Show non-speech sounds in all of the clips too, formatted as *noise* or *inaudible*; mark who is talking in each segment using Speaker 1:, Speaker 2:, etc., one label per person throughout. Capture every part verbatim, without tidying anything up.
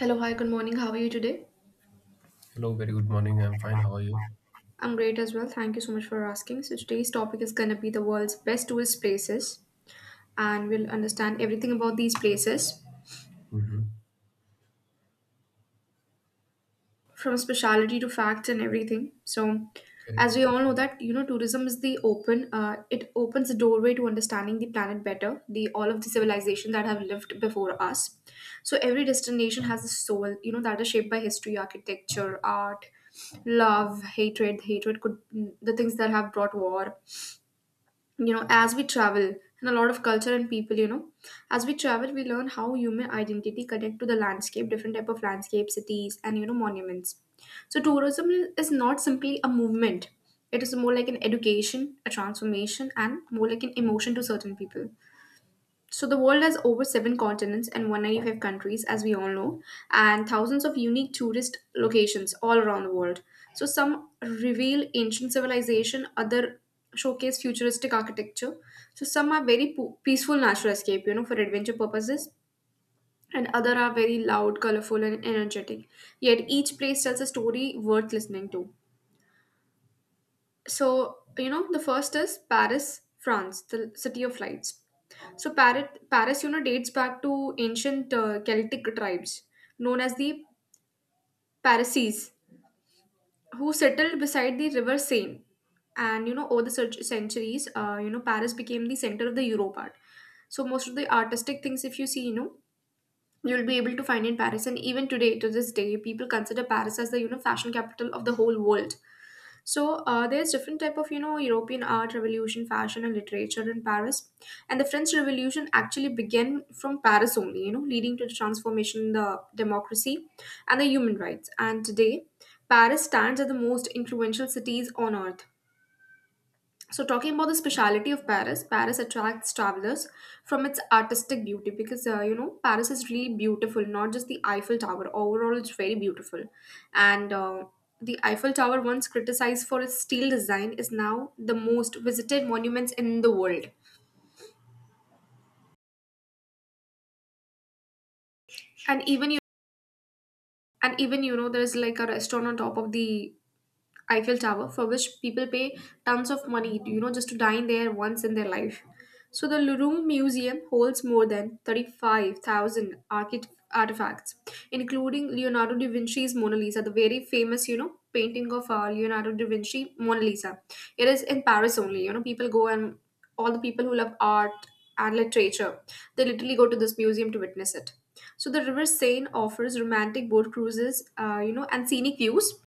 Speaker 1: Hello, hi, good morning. How are you today?
Speaker 2: Hello, very good morning. I'm fine. How are you?
Speaker 1: I'm great as well. Thank you so much for asking. So, today's topic is going to be the world's best tourist places, and we'll understand everything about these places
Speaker 2: hmm
Speaker 1: from speciality to facts and everything. So,
Speaker 2: Okay.
Speaker 1: as we all know, that you know, tourism is the open, uh, it opens the doorway to understanding the planet better, the all of the civilizations that have lived before us. So, every destination has a soul, you know, that is shaped by history, architecture, art, love, hatred. Hatred could the things that have brought war, you know as we travel, and a lot of culture and people, you know as we travel we learn how human identity connect to the landscape, different type of landscape, cities, and you know monuments. So tourism is not simply a movement, it is more like an education, a transformation, and more like an emotion to certain people. So the world has over seven continents and one hundred ninety-five countries, as we all know, and thousands of unique tourist locations all around the world. So some reveal ancient civilization, other showcase futuristic architecture. So some are very po- peaceful natural escape, you know, for adventure purposes, and other are very loud, colorful, and energetic. Yet each place tells a story worth listening to. So, you know, the first is Paris, France, the city of lights. So, Paris, Paris, you know, dates back to ancient uh, Celtic tribes known as the Parisians, who settled beside the River Seine. And, you know, over the cent- centuries, uh, you know, Paris became the center of the Europe art. So, most of the artistic things, if you see, you know, you'll be able to find in Paris. And even today, to this day, people consider Paris as the, you know, fashion capital of the whole world. So uh, there's different type of you know European art revolution, fashion, and literature in Paris, and the French Revolution actually began from Paris only, you know, leading to the transformation in the democracy and the human rights. And today, Paris stands as the most influential cities on earth. So, talking about the speciality of Paris, Paris attracts travelers from its artistic beauty because uh, you know Paris is really beautiful, not just the Eiffel Tower. Overall, it's very beautiful, and uh, the Eiffel Tower, once criticized for its steel design, is now the most visited monuments in the world. And even you, and even you know, there's like a restaurant on top of the Eiffel Tower, for which people pay tons of money, you know, just to dine there once in their life. So the Louvre Museum holds more than thirty-five thousand archi- artifacts, including Leonardo da Vinci's Mona Lisa, the very famous, you know, painting of uh, Leonardo da Vinci Mona Lisa. It is in Paris only, you know, people go, and all the people who love art and literature, they literally go to this museum to witness it. So the River Seine offers romantic boat cruises, uh, you know, and scenic views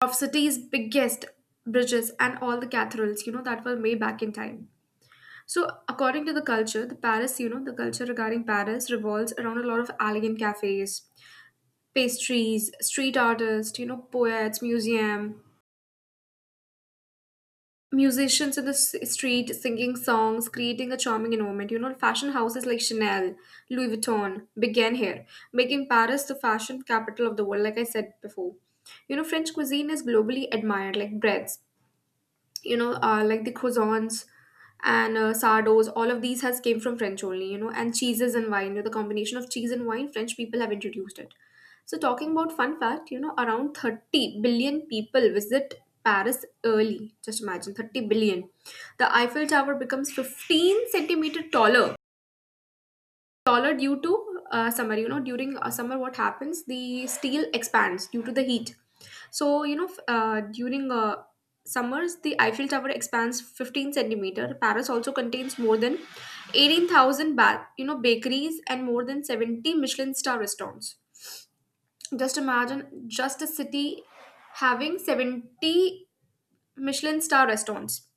Speaker 1: of city's biggest bridges and all the cathedrals you know that were made back in time. So according to the culture, the Paris, you know the culture regarding Paris revolves around a lot of elegant cafes, pastries, street artists, you know poets, museum, musicians in the s- street singing songs, creating a charming environment. You know fashion houses like Chanel, Louis Vuitton began here, making Paris the fashion capital of the world, like I said before. You know, French cuisine is globally admired, like breads, you know uh, like the croissants and uh, sardos. All of these has came from french only, you know and cheeses and wine, you know, the combination of cheese and wine french people have introduced it. So talking about fun fact, you know around thirty billion people visit Paris early. Just imagine, thirty billion. The Eiffel Tower becomes fifteen centimeter taller taller due to uh, summer. You know during uh, summer, what happens, the steel expands due to the heat. So you know f- uh, during uh, summers the Eiffel Tower expands fifteen centimeter. Paris also contains more than eighteen thousand ba- you know bakeries and more than seventy Michelin star restaurants. Just imagine, just a city having seventy Michelin star restaurants.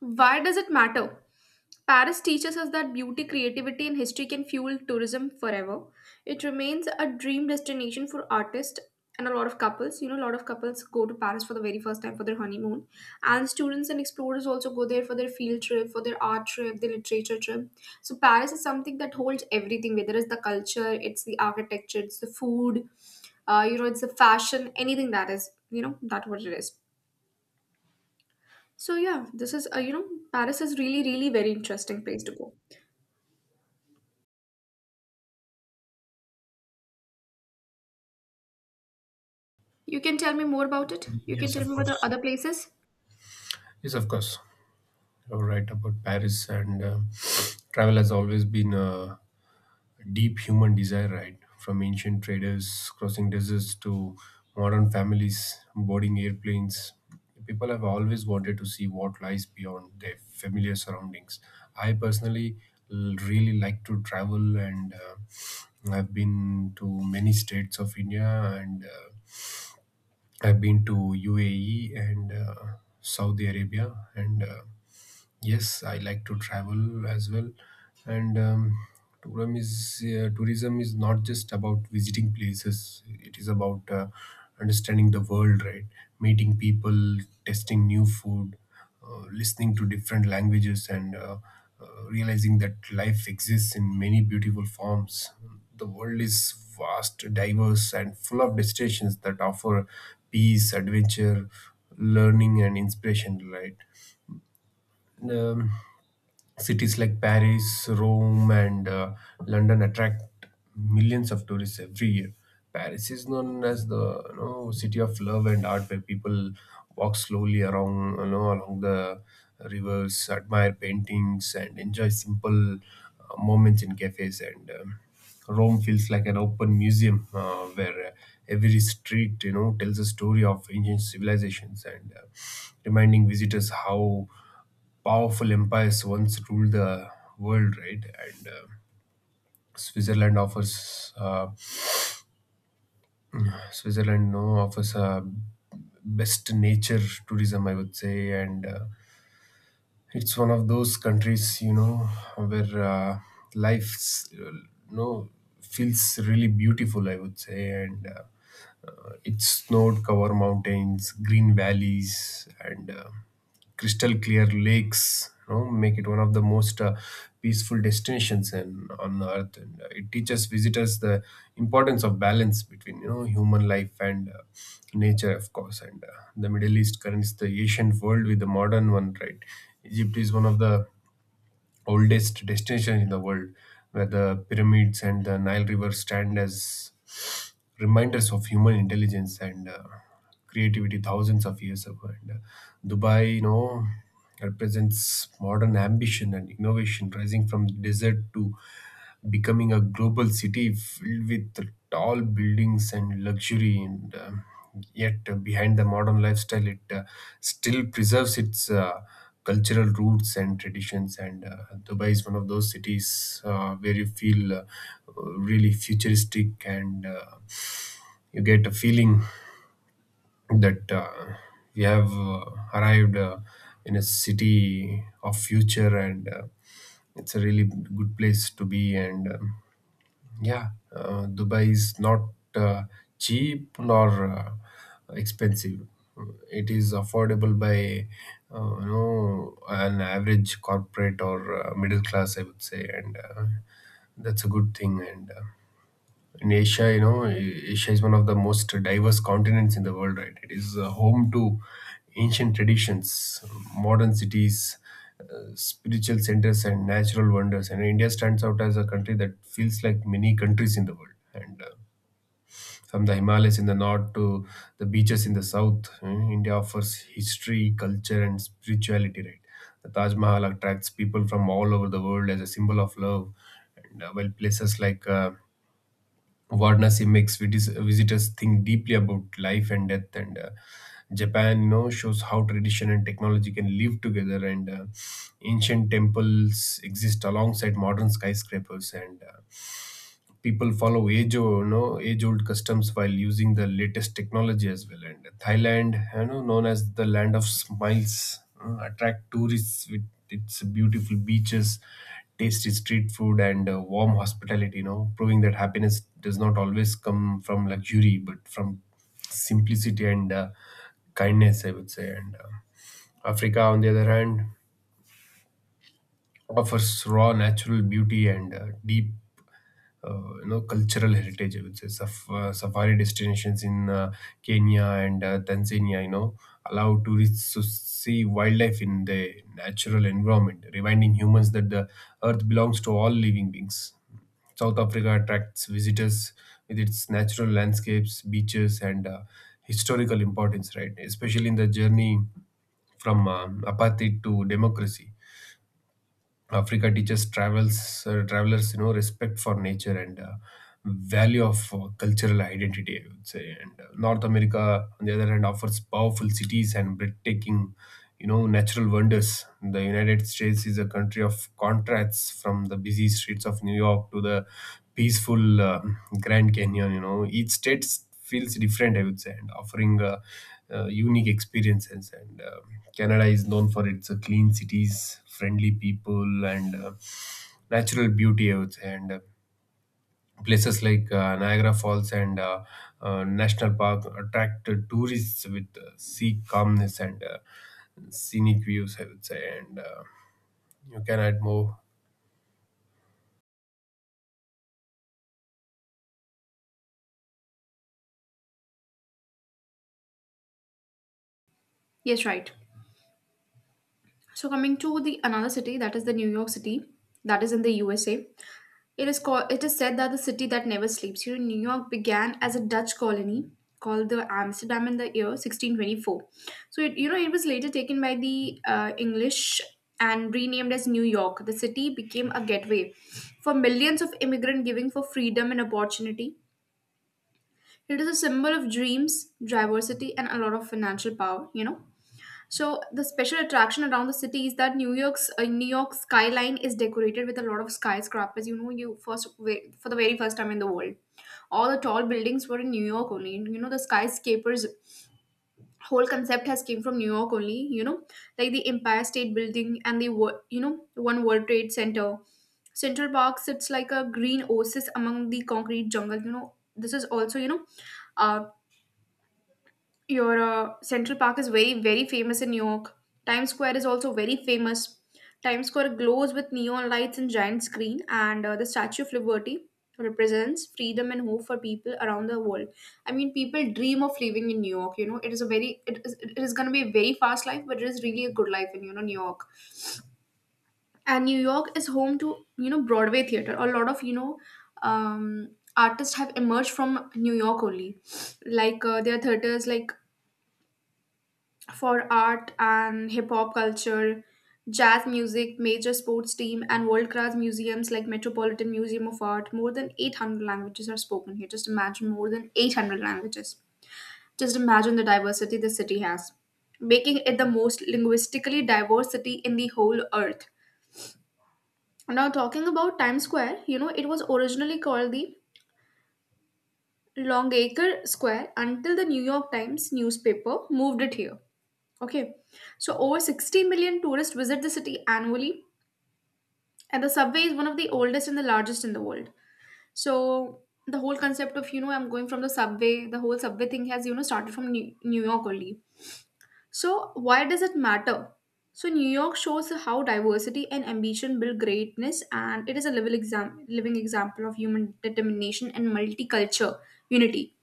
Speaker 1: Why does it matter? Paris teaches us that beauty, creativity, and history can fuel tourism forever. It remains a dream destination for artists and a lot of couples. You know, a lot of couples go to Paris for the very first time for their honeymoon. And students and explorers also go there for their field trip, for their art trip, their literature trip. So, Paris is something that holds everything, whether it's the culture, it's the architecture, it's the food, uh, you know, it's the fashion, anything that is, you know, that what it is. So yeah, this is uh, you know Paris is really really very interesting place to go. You can tell me more about it. You can
Speaker 2: Yes,
Speaker 1: tell
Speaker 2: of
Speaker 1: me about the
Speaker 2: course.
Speaker 1: other places.
Speaker 2: Yes, of course. You're right about Paris and uh, *sniffs* travel has always been a deep human desire, right? From ancient traders crossing deserts to modern families boarding airplanes, people have always wanted to see what lies beyond their familiar surroundings. I personally l- really like to travel, and uh, I've been to many states of India, and uh, I've been to U A E and uh, Saudi Arabia, and uh, yes, I like to travel as well, and um, tourism is uh, tourism is not just about visiting places. It is about uh, understanding the world, right? Meeting people, testing new food, uh, listening to different languages, and uh, uh, realizing that life exists in many beautiful forms. The world is vast, diverse, and full of destinations that offer peace, adventure, learning, and inspiration, right? And, um, Cities like Paris, Rome, and uh, London attract millions of tourists every year. Paris is known as the, you know, city of love and art, where people walk slowly along, you know along the rivers, admire paintings, and enjoy simple uh, moments in cafes. And um, Rome feels like an open museum uh, where uh, every street, you know tells a story of ancient civilizations and uh, reminding visitors how powerful empires once ruled the world, right? And uh, Switzerland offers uh, Switzerland no, offers a best nature tourism, I would say, and uh, it's one of those countries, you know where uh, life uh, no, feels really beautiful, I would say. And. Uh, It snowed cover mountains, green valleys, and uh, crystal clear lakes. You know, make it one of the most uh, peaceful destinations in, on Earth, and uh, it teaches visitors the importance of balance between, you know human life and uh, nature, of course. And uh, The Middle East currents the ancient world with the modern one, right? Egypt is one of the oldest destinations in the world, where the pyramids and the Nile River stand as reminders of human intelligence and uh, creativity thousands of years ago. And uh, Dubai, you know, represents modern ambition and innovation, rising from desert to becoming a global city filled with tall buildings and luxury. And uh, Yet, uh, behind the modern lifestyle, it uh, still preserves its. Uh, cultural roots and traditions, and uh, Dubai is one of those cities uh, where you feel uh, really futuristic, and uh, you get a feeling that uh, we have uh, arrived uh, in a city of future, and uh, it's a really good place to be, and um, yeah, uh, Dubai is not uh, cheap nor uh, expensive. It is affordable by uh, you know, an average corporate or uh, middle class, I would say, and uh, that's a good thing. And uh, In Asia, you know, Asia is one of the most diverse continents in the world, right? It is uh, home to ancient traditions, modern cities, uh, spiritual centers, and natural wonders. And India stands out as a country that feels like many countries in the world. And uh, From the Himalayas in the north to the beaches in the south, uh, India offers history, culture, and spirituality, right? The Taj Mahal attracts people from all over the world as a symbol of love. And uh, While places like uh, Varanasi makes vitis- visitors think deeply about life and death. And uh, Japan, you know, shows how tradition and technology can live together. And uh, Ancient temples exist alongside modern skyscrapers. And uh, People follow age old, you know, age old customs while using the latest technology as well. And Thailand, you know, known as the land of smiles, uh, attract tourists with its beautiful beaches, tasty street food, and uh, warm hospitality. You know, proving that happiness does not always come from luxury, but from simplicity and uh, kindness, I would say. And uh, Africa, on the other hand, offers raw natural beauty and uh, deep uh, you know, cultural heritage, I would say. Saf- uh, safari destinations in uh, Kenya and uh, Tanzania, you know, allow tourists to see wildlife in the natural environment, reminding humans that the earth belongs to all living beings. South Africa attracts visitors with its natural landscapes, beaches, and uh, historical importance, right, especially in the journey from um, apartheid to democracy. Africa teaches travels uh, travelers, you know, respect for nature and uh, value of uh, cultural identity, I would say. And uh, North America, on the other hand, offers powerful cities and breathtaking, you know, natural wonders. The United States is a country of contrasts. From the busy streets of New York to the peaceful um, Grand Canyon, you know, each state feels different, I would say, and offering uh, uh, unique experiences. And um Canada is known for its uh, clean cities, friendly people, and uh, natural beauty, I would say. And uh, Places like uh, Niagara Falls and uh, uh, National Park attract tourists with uh, sea calmness and uh, scenic views, I would say. And uh, You can add more.
Speaker 1: Yes, right. So coming to the another city, that is the New York City, that is in the U S A. It is called, it is said that the city that never sleeps. You know, New York began as a Dutch colony called the Amsterdam in the year sixteen twenty-four. So it, you know it was later taken by the uh, English and renamed as New York. The city became a gateway for millions of immigrant giving for freedom and opportunity. It is a symbol of dreams, diversity, and a lot of financial power, you know. So the special attraction around the city is that New York's uh, New York skyline is decorated with a lot of skyscrapers. You know, you first ve- for the very first time in the world, all the tall buildings were in New York only. You know, the skyscrapers whole concept has came from New York only. You know, like the Empire State Building and the Wo- you know One World Trade Center. Central Park sits like a green oasis among the concrete jungle. You know, this is also you know uh, your uh, Central Park is very, very famous in New York. Times Square is also very famous. Times Square glows with neon lights and giant screen, and uh, the Statue of Liberty represents freedom and hope for people around the world. I mean, people dream of living in New York. You know, it is a very, it is, it is going to be a very fast life, but it is really a good life in you know New York. And New York is home to you know Broadway theater. A lot of you know um, artists have emerged from New York only. Like uh, there are theaters like for art and hip hop culture, jazz music, major sports team, and world class museums like Metropolitan Museum of Art. More than eight hundred languages are spoken here. Just imagine, more than eight hundred languages. Just imagine the diversity the city has, making it the most linguistically diverse city in the whole earth. Now, talking about Times Square, you know, it was originally called the Longacre Square until the New York Times newspaper moved it here. Okay, so over sixty million tourists visit the city annually, and the subway is one of the oldest and the largest in the world. So the whole concept of, you know I'm going from the subway, the whole subway thing has you know started from New, New York only. So why does it matter? So New York shows how diversity and ambition build greatness, and it is a living exam living example of human determination and multicultural unity.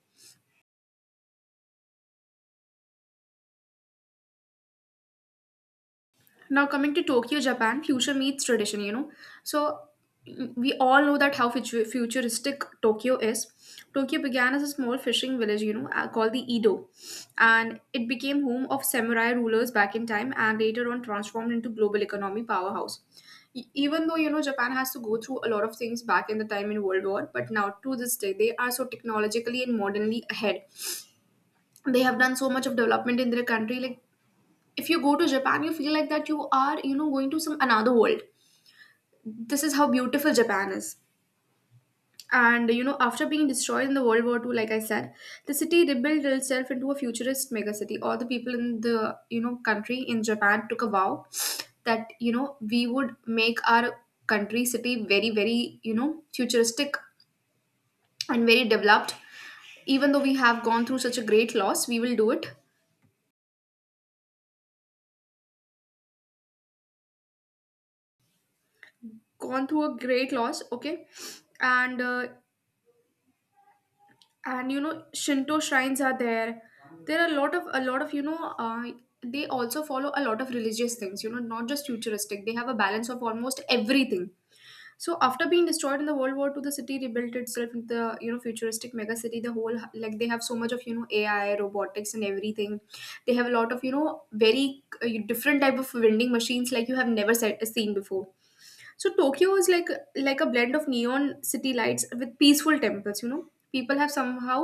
Speaker 1: Now, coming to Tokyo, Japan, future meets tradition, you know. So, mm, we all know that how futu- futuristic Tokyo is. Tokyo began as a small fishing village, you know, uh, called the Edo, and it became home of samurai rulers back in time and later on transformed into global economy powerhouse. E- Even though, you know, Japan has to go through a lot of things back in the time in World War, but now to this day, they are so technologically and modernly ahead. They have done so much of development in their country, like if you go to Japan, you feel like that you are, you know, going to some another world. This is how beautiful Japan is. And you know, after being destroyed in the World War the second, like I said, the city rebuilt itself into a futurist megacity. All the people in the you know country in Japan took a vow that you know we would make our country city very very you know futuristic and very developed. Even though we have gone through such a great loss, we will do it. Gone through a great loss, okay. And uh, and you know Shinto shrines are there. There are a lot of a lot of you know uh, they also follow a lot of religious things. You know not just futuristic, they have a balance of almost everything. So after being destroyed in the World War Two, the city rebuilt itself into the you know futuristic mega city. The whole, like, they have so much of you know ai robotics and everything. They have a lot of you know very uh, different type of vending machines like you have never se- seen before. So Tokyo is like like a blend of neon city lights with peaceful temples. You know, people have somehow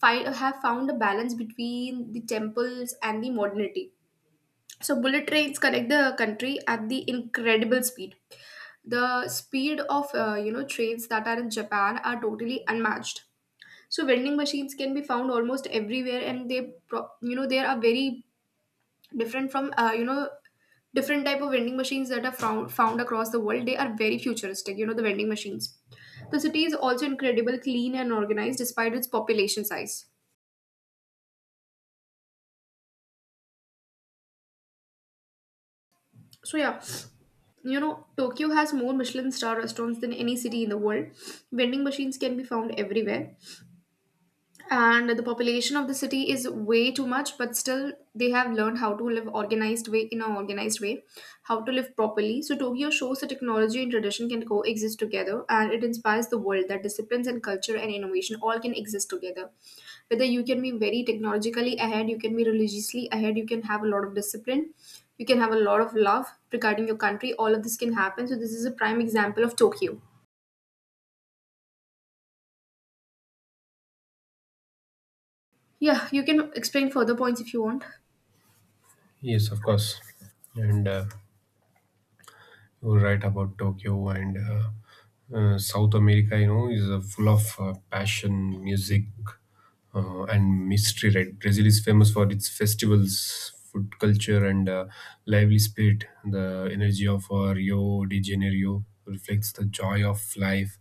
Speaker 1: fi- have found a balance between the temples and the modernity. So bullet trains connect the country at the incredible speed. The speed of uh, you know trains that are in Japan are totally unmatched. So vending machines can be found almost everywhere, and they pro- you know there are very different from uh, you know different type of vending machines that are found, found across the world. They are very futuristic, you know the vending machines. The city is also incredible clean and organized despite its population size. So yeah, you know Tokyo has more Michelin star restaurants than any city in the world. Vending machines can be found everywhere. And the population of the city is way too much, but still they have learned how to live organized way in an organized way, how to live properly. So Tokyo shows that technology and tradition can coexist together, and it inspires the world that disciplines and culture and innovation all can exist together. Whether you can be very technologically ahead, you can be religiously ahead, you can have a lot of discipline, you can have a lot of love regarding your country, all of this can happen. So this is a prime example of Tokyo. Yeah, you can explain further points if you want.
Speaker 2: Yes, of course. And uh, You were right about Tokyo, and uh, uh, South America, you know, is uh, full of uh, passion, music, uh, and mystery. Right, Brazil is famous for its festivals, food culture, and uh, lively spirit. The energy of uh, Rio de Janeiro reflects the joy of life.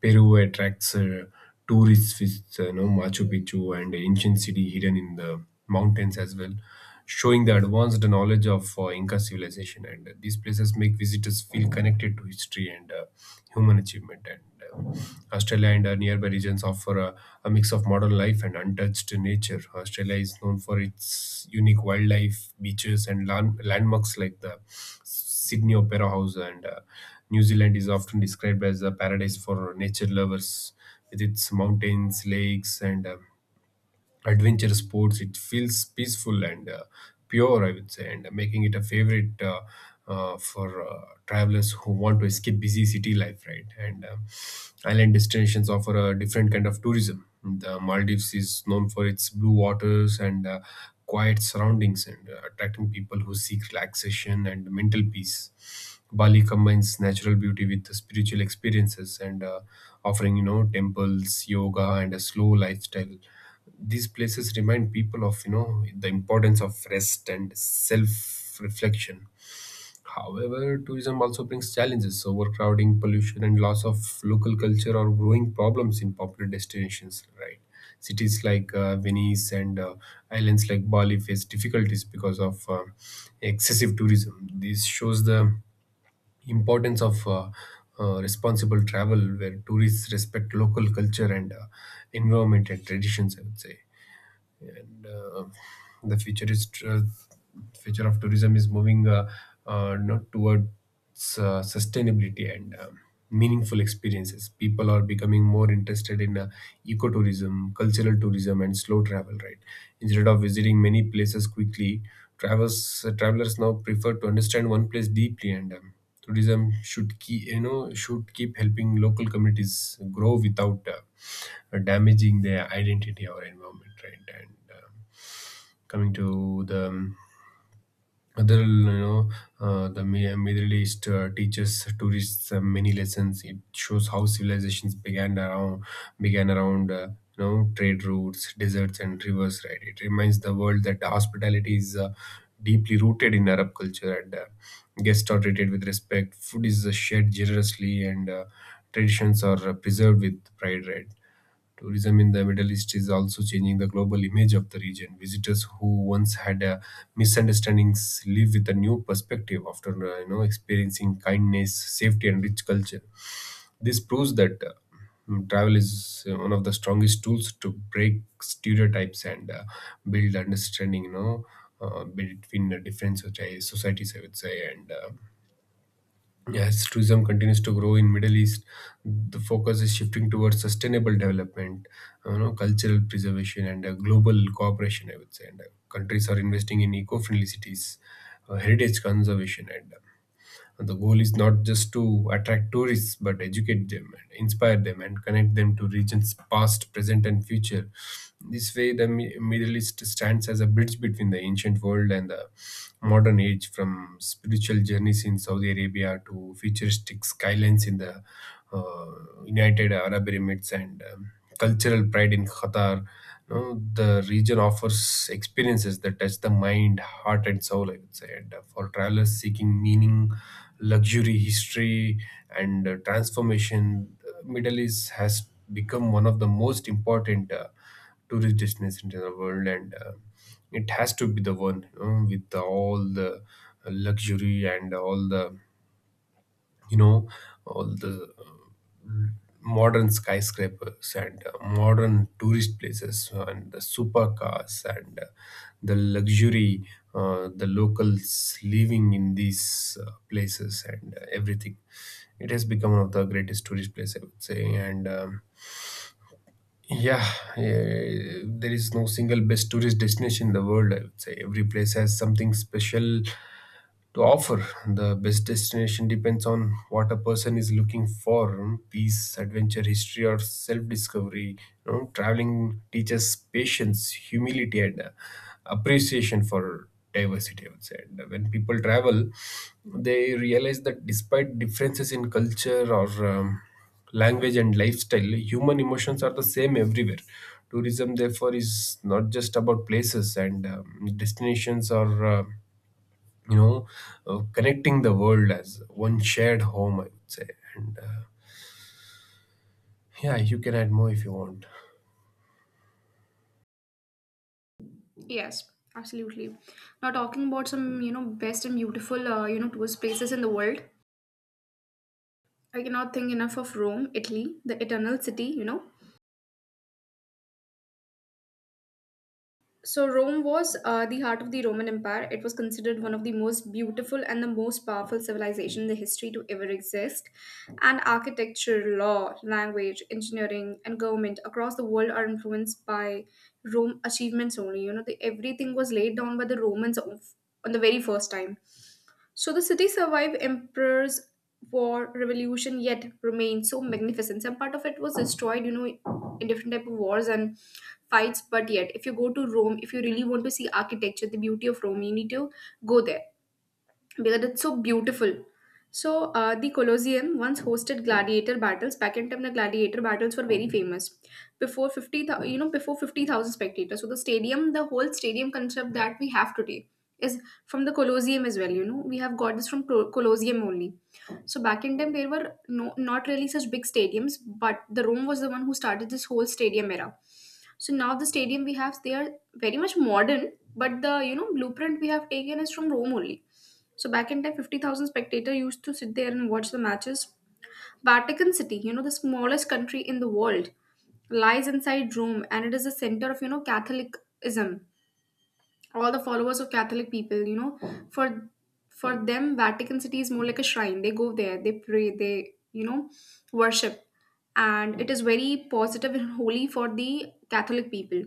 Speaker 2: Peru attracts uh, tourists with uh, you know, Machu Picchu and ancient city hidden in the mountains as well, showing the advanced knowledge of uh, Inca civilization. And uh, These places make visitors feel connected to history and uh, human achievement. And uh, Australia and uh, nearby regions offer a, a mix of modern life and untouched nature. Australia is known for its unique wildlife, beaches, and land- landmarks like the Sydney Opera House. And uh, New Zealand is often described as a paradise for nature lovers with its mountains, lakes, and uh, adventure sports. It feels peaceful and uh, pure, I would say, and making it a favorite uh, uh, for uh, travelers who want to escape busy city life, right. and um Island destinations offer a different kind of tourism. The Maldives is known for its blue waters and uh, quiet surroundings, and uh, attracting people who seek relaxation and mental peace. Bali combines natural beauty with spiritual experiences and uh, offering, you know, temples, yoga, and a slow lifestyle. These places remind people of, you know, the importance of rest and self reflection. However, tourism also brings challenges: overcrowding, pollution, and loss of local culture are growing problems in popular destinations, right? Cities like uh, Venice and uh, islands like Bali face difficulties because of uh, excessive tourism. This shows the importance of uh, uh, responsible travel where tourists respect local culture and uh, environment and traditions, I would say. And uh, the future is tr- future of tourism is moving uh, uh, not towards uh, sustainability and um, meaningful experiences. People are becoming more interested in uh, ecotourism, cultural tourism, and slow travel, right. Instead of visiting many places quickly, travelers travelers now prefer to understand one place deeply, and um, tourism should keep, you know should keep helping local communities grow without uh, damaging their identity or environment, right. And um, coming to the um, other, you know, uh, the Mi- Middle East uh, teaches tourists uh, many lessons. It shows how civilizations began around began around uh, you know, trade routes, deserts, and rivers. Right. It reminds the world that hospitality is uh, deeply rooted in Arab culture, and uh, guests are treated with respect. Food is uh, shared generously, and uh, traditions are uh, preserved with pride. Right. Tourism in the Middle East is also changing the global image of the region. Visitors who once had uh, misunderstandings live with a new perspective after uh, you know, experiencing kindness, safety, and rich culture. This proves that uh, mm, travel is uh, one of the strongest tools to break stereotypes and uh, build understanding. You know, uh, between the different soci- societies, I would say, and uh, yeah, as tourism continues to grow in Middle East, the focus is shifting towards sustainable development, you know, cultural preservation, and uh, global cooperation, I would say. And uh, Countries are investing in eco-friendly cities, uh, heritage conservation, and uh, the goal is not just to attract tourists, but educate them, and inspire them, and connect them to regions past, present, and future. This way, the Mi- Middle East stands as a bridge between the ancient world and the modern age, from spiritual journeys in Saudi Arabia to futuristic skylines in the uh, United Arab Emirates, and um, cultural pride in Qatar. You know, the region offers experiences that touch the mind, heart, and soul, I would say. And uh, For travelers seeking meaning, luxury, history, and uh, transformation, uh, Middle East has become one of the most important uh, tourist destinations in the world, and uh, it has to be the one, you know, with all the luxury and all the, you know all the modern skyscrapers and uh, modern tourist places and the supercars and uh, the luxury, uh, the locals living in these uh, places and uh, everything. It has become one of the greatest tourist place, I would say, and um, yeah, eh, there is no single best tourist destination in the world, I would say. Every place has something special to offer. The best destination depends on what a person is looking for: um, peace, adventure, history, or self discovery. You know, traveling teaches patience, humility, and uh, appreciation for diversity, I would say. And when people travel, they realize that despite differences in culture or um, language and lifestyle, human emotions are the same everywhere. Tourism, therefore, is not just about places and um, destinations or uh, you know, uh, connecting the world as one shared home, I would say. And uh, Yeah, you can add more if you want.
Speaker 1: Yes, absolutely. Now talking about some, you know, best and beautiful, uh, you know, tourist places in the world. I cannot think enough of Rome, Italy, the eternal city, you know. So Rome was uh, the heart of the Roman Empire. It was considered one of the most beautiful and the most powerful civilization in the history to ever exist. And architecture, law, language, engineering, and government across the world are influenced by Rome achievements only. You know, the, everything was laid down by the Romans of, on the very first time. So the city survived emperors, war, revolution, yet remained so magnificent. Some part of it was destroyed, you know, in different type of wars and fights. But yet, if you go to Rome, if you really want to see architecture, the beauty of Rome, you need to go there because it's so beautiful. So, uh, the Colosseum once hosted gladiator battles. Back in time, the gladiator battles were very famous. Before fifty, thou- you know, before fifty thousand spectators. So the stadium, the whole stadium concept that we have today is from the Colosseum as well. You know, we have got this from Col- Colosseum only. So back in time, there were no not really such big stadiums, but the Rome was the one who started this whole stadium era. So now the stadium we have, they are very much modern, but the you know blueprint we have taken is from Rome only. So back in time, fifty thousand spectators used to sit there and watch the matches. Vatican City, you know, the smallest country in the world, lies inside Rome and it is the center of, you know, Catholicism. All the followers of Catholic people, you know, for for them, Vatican City is more like a shrine. They go there, they pray, they, you know, worship. And it is very positive and holy for the Catholic people.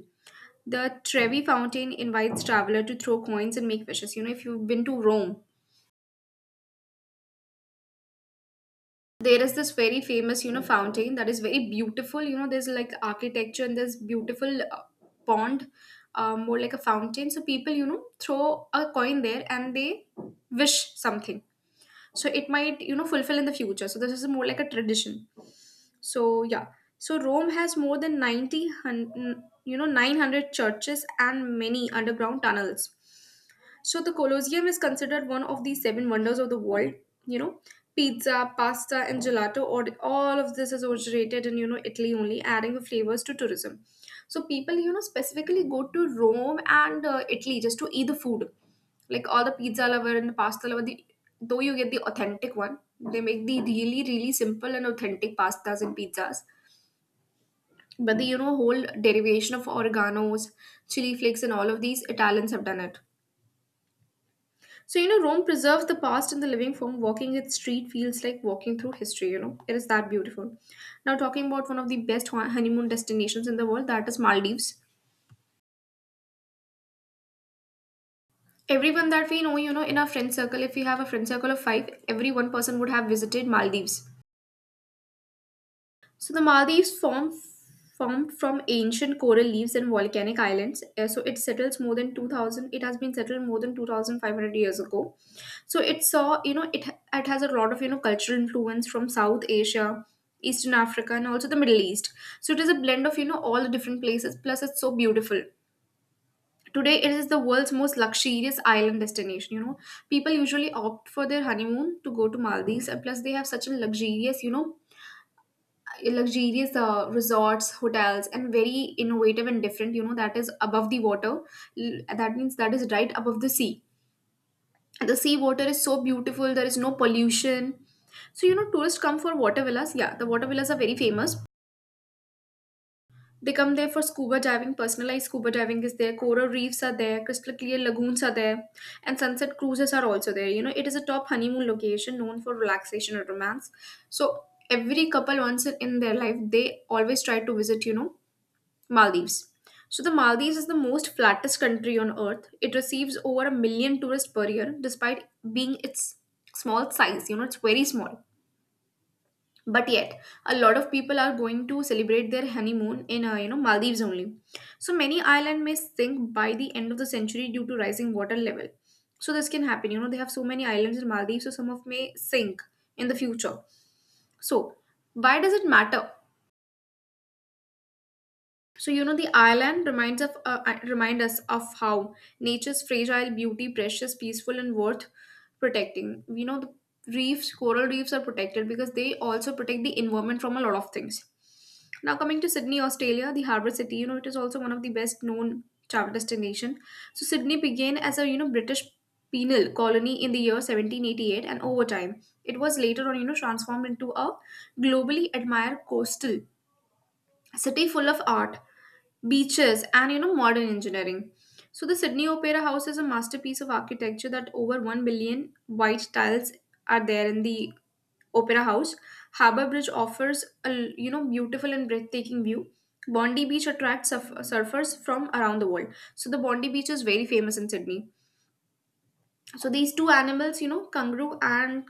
Speaker 1: The Trevi Fountain invites traveler to throw coins and make wishes. You know, if you've been to Rome, there is this very famous you know fountain that is very beautiful. You know there's like architecture and there's beautiful uh, pond, um, more like a fountain. So people you know throw a coin there and they wish something, so it might you know fulfill in the future. So this is more like a tradition. So yeah, so Rome has more than 90 hun- you know nine hundred churches and many underground tunnels. So the Colosseum is considered one of the seven wonders of the world. You know, pizza, pasta, and gelato, or all of this is originated in you know Italy only, adding the flavors to tourism. So people you know specifically go to Rome and uh, Italy just to eat the food. Like all the pizza lover and the pasta lover, the, though you get the authentic one, they make the really, really simple and authentic pastas and pizzas. But the you know whole derivation of oreganos, chili flakes, and all of these Italians have done it. So you know Rome preserves the past in the living form. Walking its street feels like walking through history. You know it is that beautiful. Now talking about one of the best hon- honeymoon destinations in the world, that is Maldives. Everyone that we know, you know, in our friend circle, if we have a friend circle of five, every one person would have visited Maldives. So the Maldives form formed from ancient coral reefs and volcanic islands. Uh, So it settles more than 2000 it has been settled more than two thousand five hundred years ago. So it saw, you know, it it has a lot of, you know, cultural influence from South Asia, Eastern Africa, and also the Middle East. So it is a blend of, you know, all the different places, plus it's so beautiful. Today it is the world's most luxurious island destination, you know. People usually opt for their honeymoon to go to Maldives, and plus they have such a luxurious, you know, luxurious uh, resorts hotels and very innovative and different, you know that is above the water. L- that means that is right above the sea. The sea water is so beautiful. There is no pollution. So you know tourists come for water villas. Yeah, the water villas are very famous. They come there for scuba diving. Personalized scuba diving is there, coral reefs are there, crystal clear lagoons are there, and sunset cruises are also there. You know, it is a top honeymoon location known for relaxation and romance. So every couple, once in their life, they always try to visit you know Maldives. So, the Maldives is the most flattest country on earth. It receives over a million tourists per year, despite being its small size. You know, it's very small. But yet, a lot of people are going to celebrate their honeymoon in, uh, you know, Maldives only. So, many islands may sink by the end of the century due to rising water level. So, this can happen. You know, they have so many islands in Maldives, so some of may sink in the future. So, why does it matter? So you know the island reminds of uh, uh, remind us of how nature's fragile beauty, precious, peaceful, and worth protecting. You know the reefs, coral reefs are protected because they also protect the environment from a lot of things. Now coming to Sydney, Australia, the harbour city. You know it is also one of the best known travel destination. So Sydney began as a you know British penal colony in the year seventeen eighty-eight, and over time it was later on you know transformed into a globally admired coastal city full of art, beaches, and you know modern engineering. So the Sydney Opera House is a masterpiece of architecture, that over one billion white tiles are there in the opera house. Harbour Bridge offers a you know beautiful and breathtaking view. Bondi Beach attracts surf- surfers from around the world. So the Bondi Beach is very famous in Sydney. So these two animals, you know, kangaroo and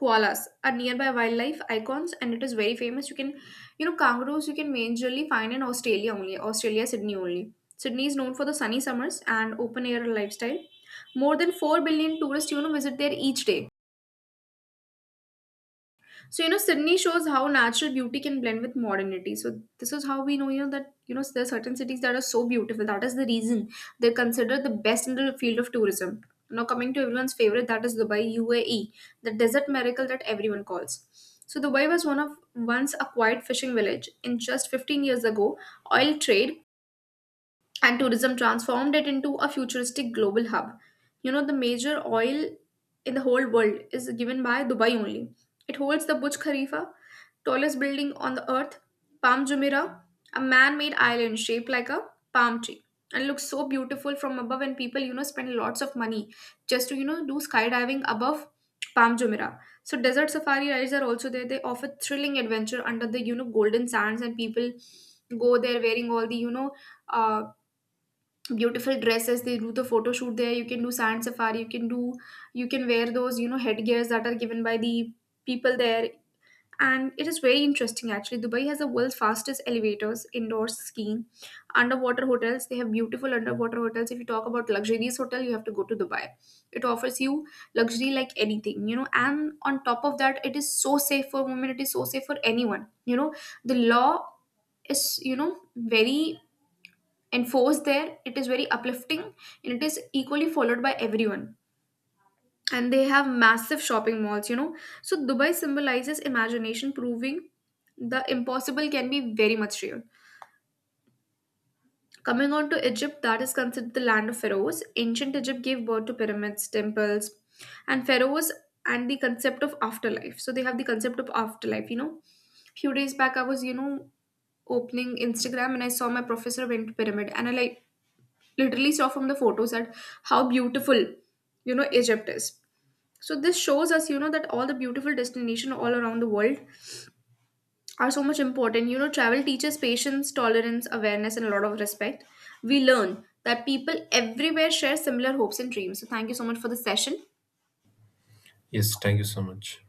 Speaker 1: koalas, are nearby wildlife icons and it is very famous. You can, you know, kangaroos you can majorly find in Australia only, Australia, Sydney only. Sydney is known for the sunny summers and open air lifestyle. More than four billion tourists, you know, visit there each day. So, you know, Sydney shows how natural beauty can blend with modernity. So, this is how we know, you know, that, you know, there are certain cities that are so beautiful. That is the reason they're considered the best in the field of tourism. Now, coming to everyone's favorite, that is Dubai, U A E, the desert miracle that everyone calls. So, Dubai was one of once a quiet fishing village. In just fifteen years ago, oil trade and tourism transformed it into a futuristic global hub. You know, the major oil in the whole world is given by Dubai only. It holds the Burj Khalifa, tallest building on the earth, Palm Jumeirah, a man-made island shaped like a palm tree, and looks so beautiful from above. And people, you know, spend lots of money just to you know do skydiving above Palm Jumeirah. So desert safari rides are also there. They offer thrilling adventure under the you know golden sands, and people go there wearing all the you know uh, beautiful dresses. They do the photo shoot there. You can do sand safari. You can do you can wear those you know headgears that are given by the people there. And it is very interesting. Actually, Dubai has the world's fastest elevators, indoor skiing, underwater hotels. They have beautiful underwater hotels. If you talk about luxurious hotel, you have to go to Dubai. It offers you luxury like anything you know and on top of that, it is so safe for women, it is so safe for anyone you know the law is, you know very enforced there. It is very uplifting and it is equally followed by everyone. And they have massive shopping malls you know so Dubai symbolizes imagination, proving the impossible can be very much real. Coming on to Egypt, that is considered the land of pharaohs. Ancient Egypt gave birth to pyramids, temples, and pharaohs, and the concept of afterlife. So they have the concept of afterlife you know few days back, I was you know opening Instagram and I saw my professor went to pyramid, and I like literally saw from the photos that how beautiful, you know Egypt is. So this shows us, you know that all the beautiful destination all around the world are so much important. You know travel teaches patience, tolerance, awareness, and a lot of respect. We learn that people everywhere share similar hopes and dreams. So thank you so much for the session.
Speaker 2: Yes, thank you so much.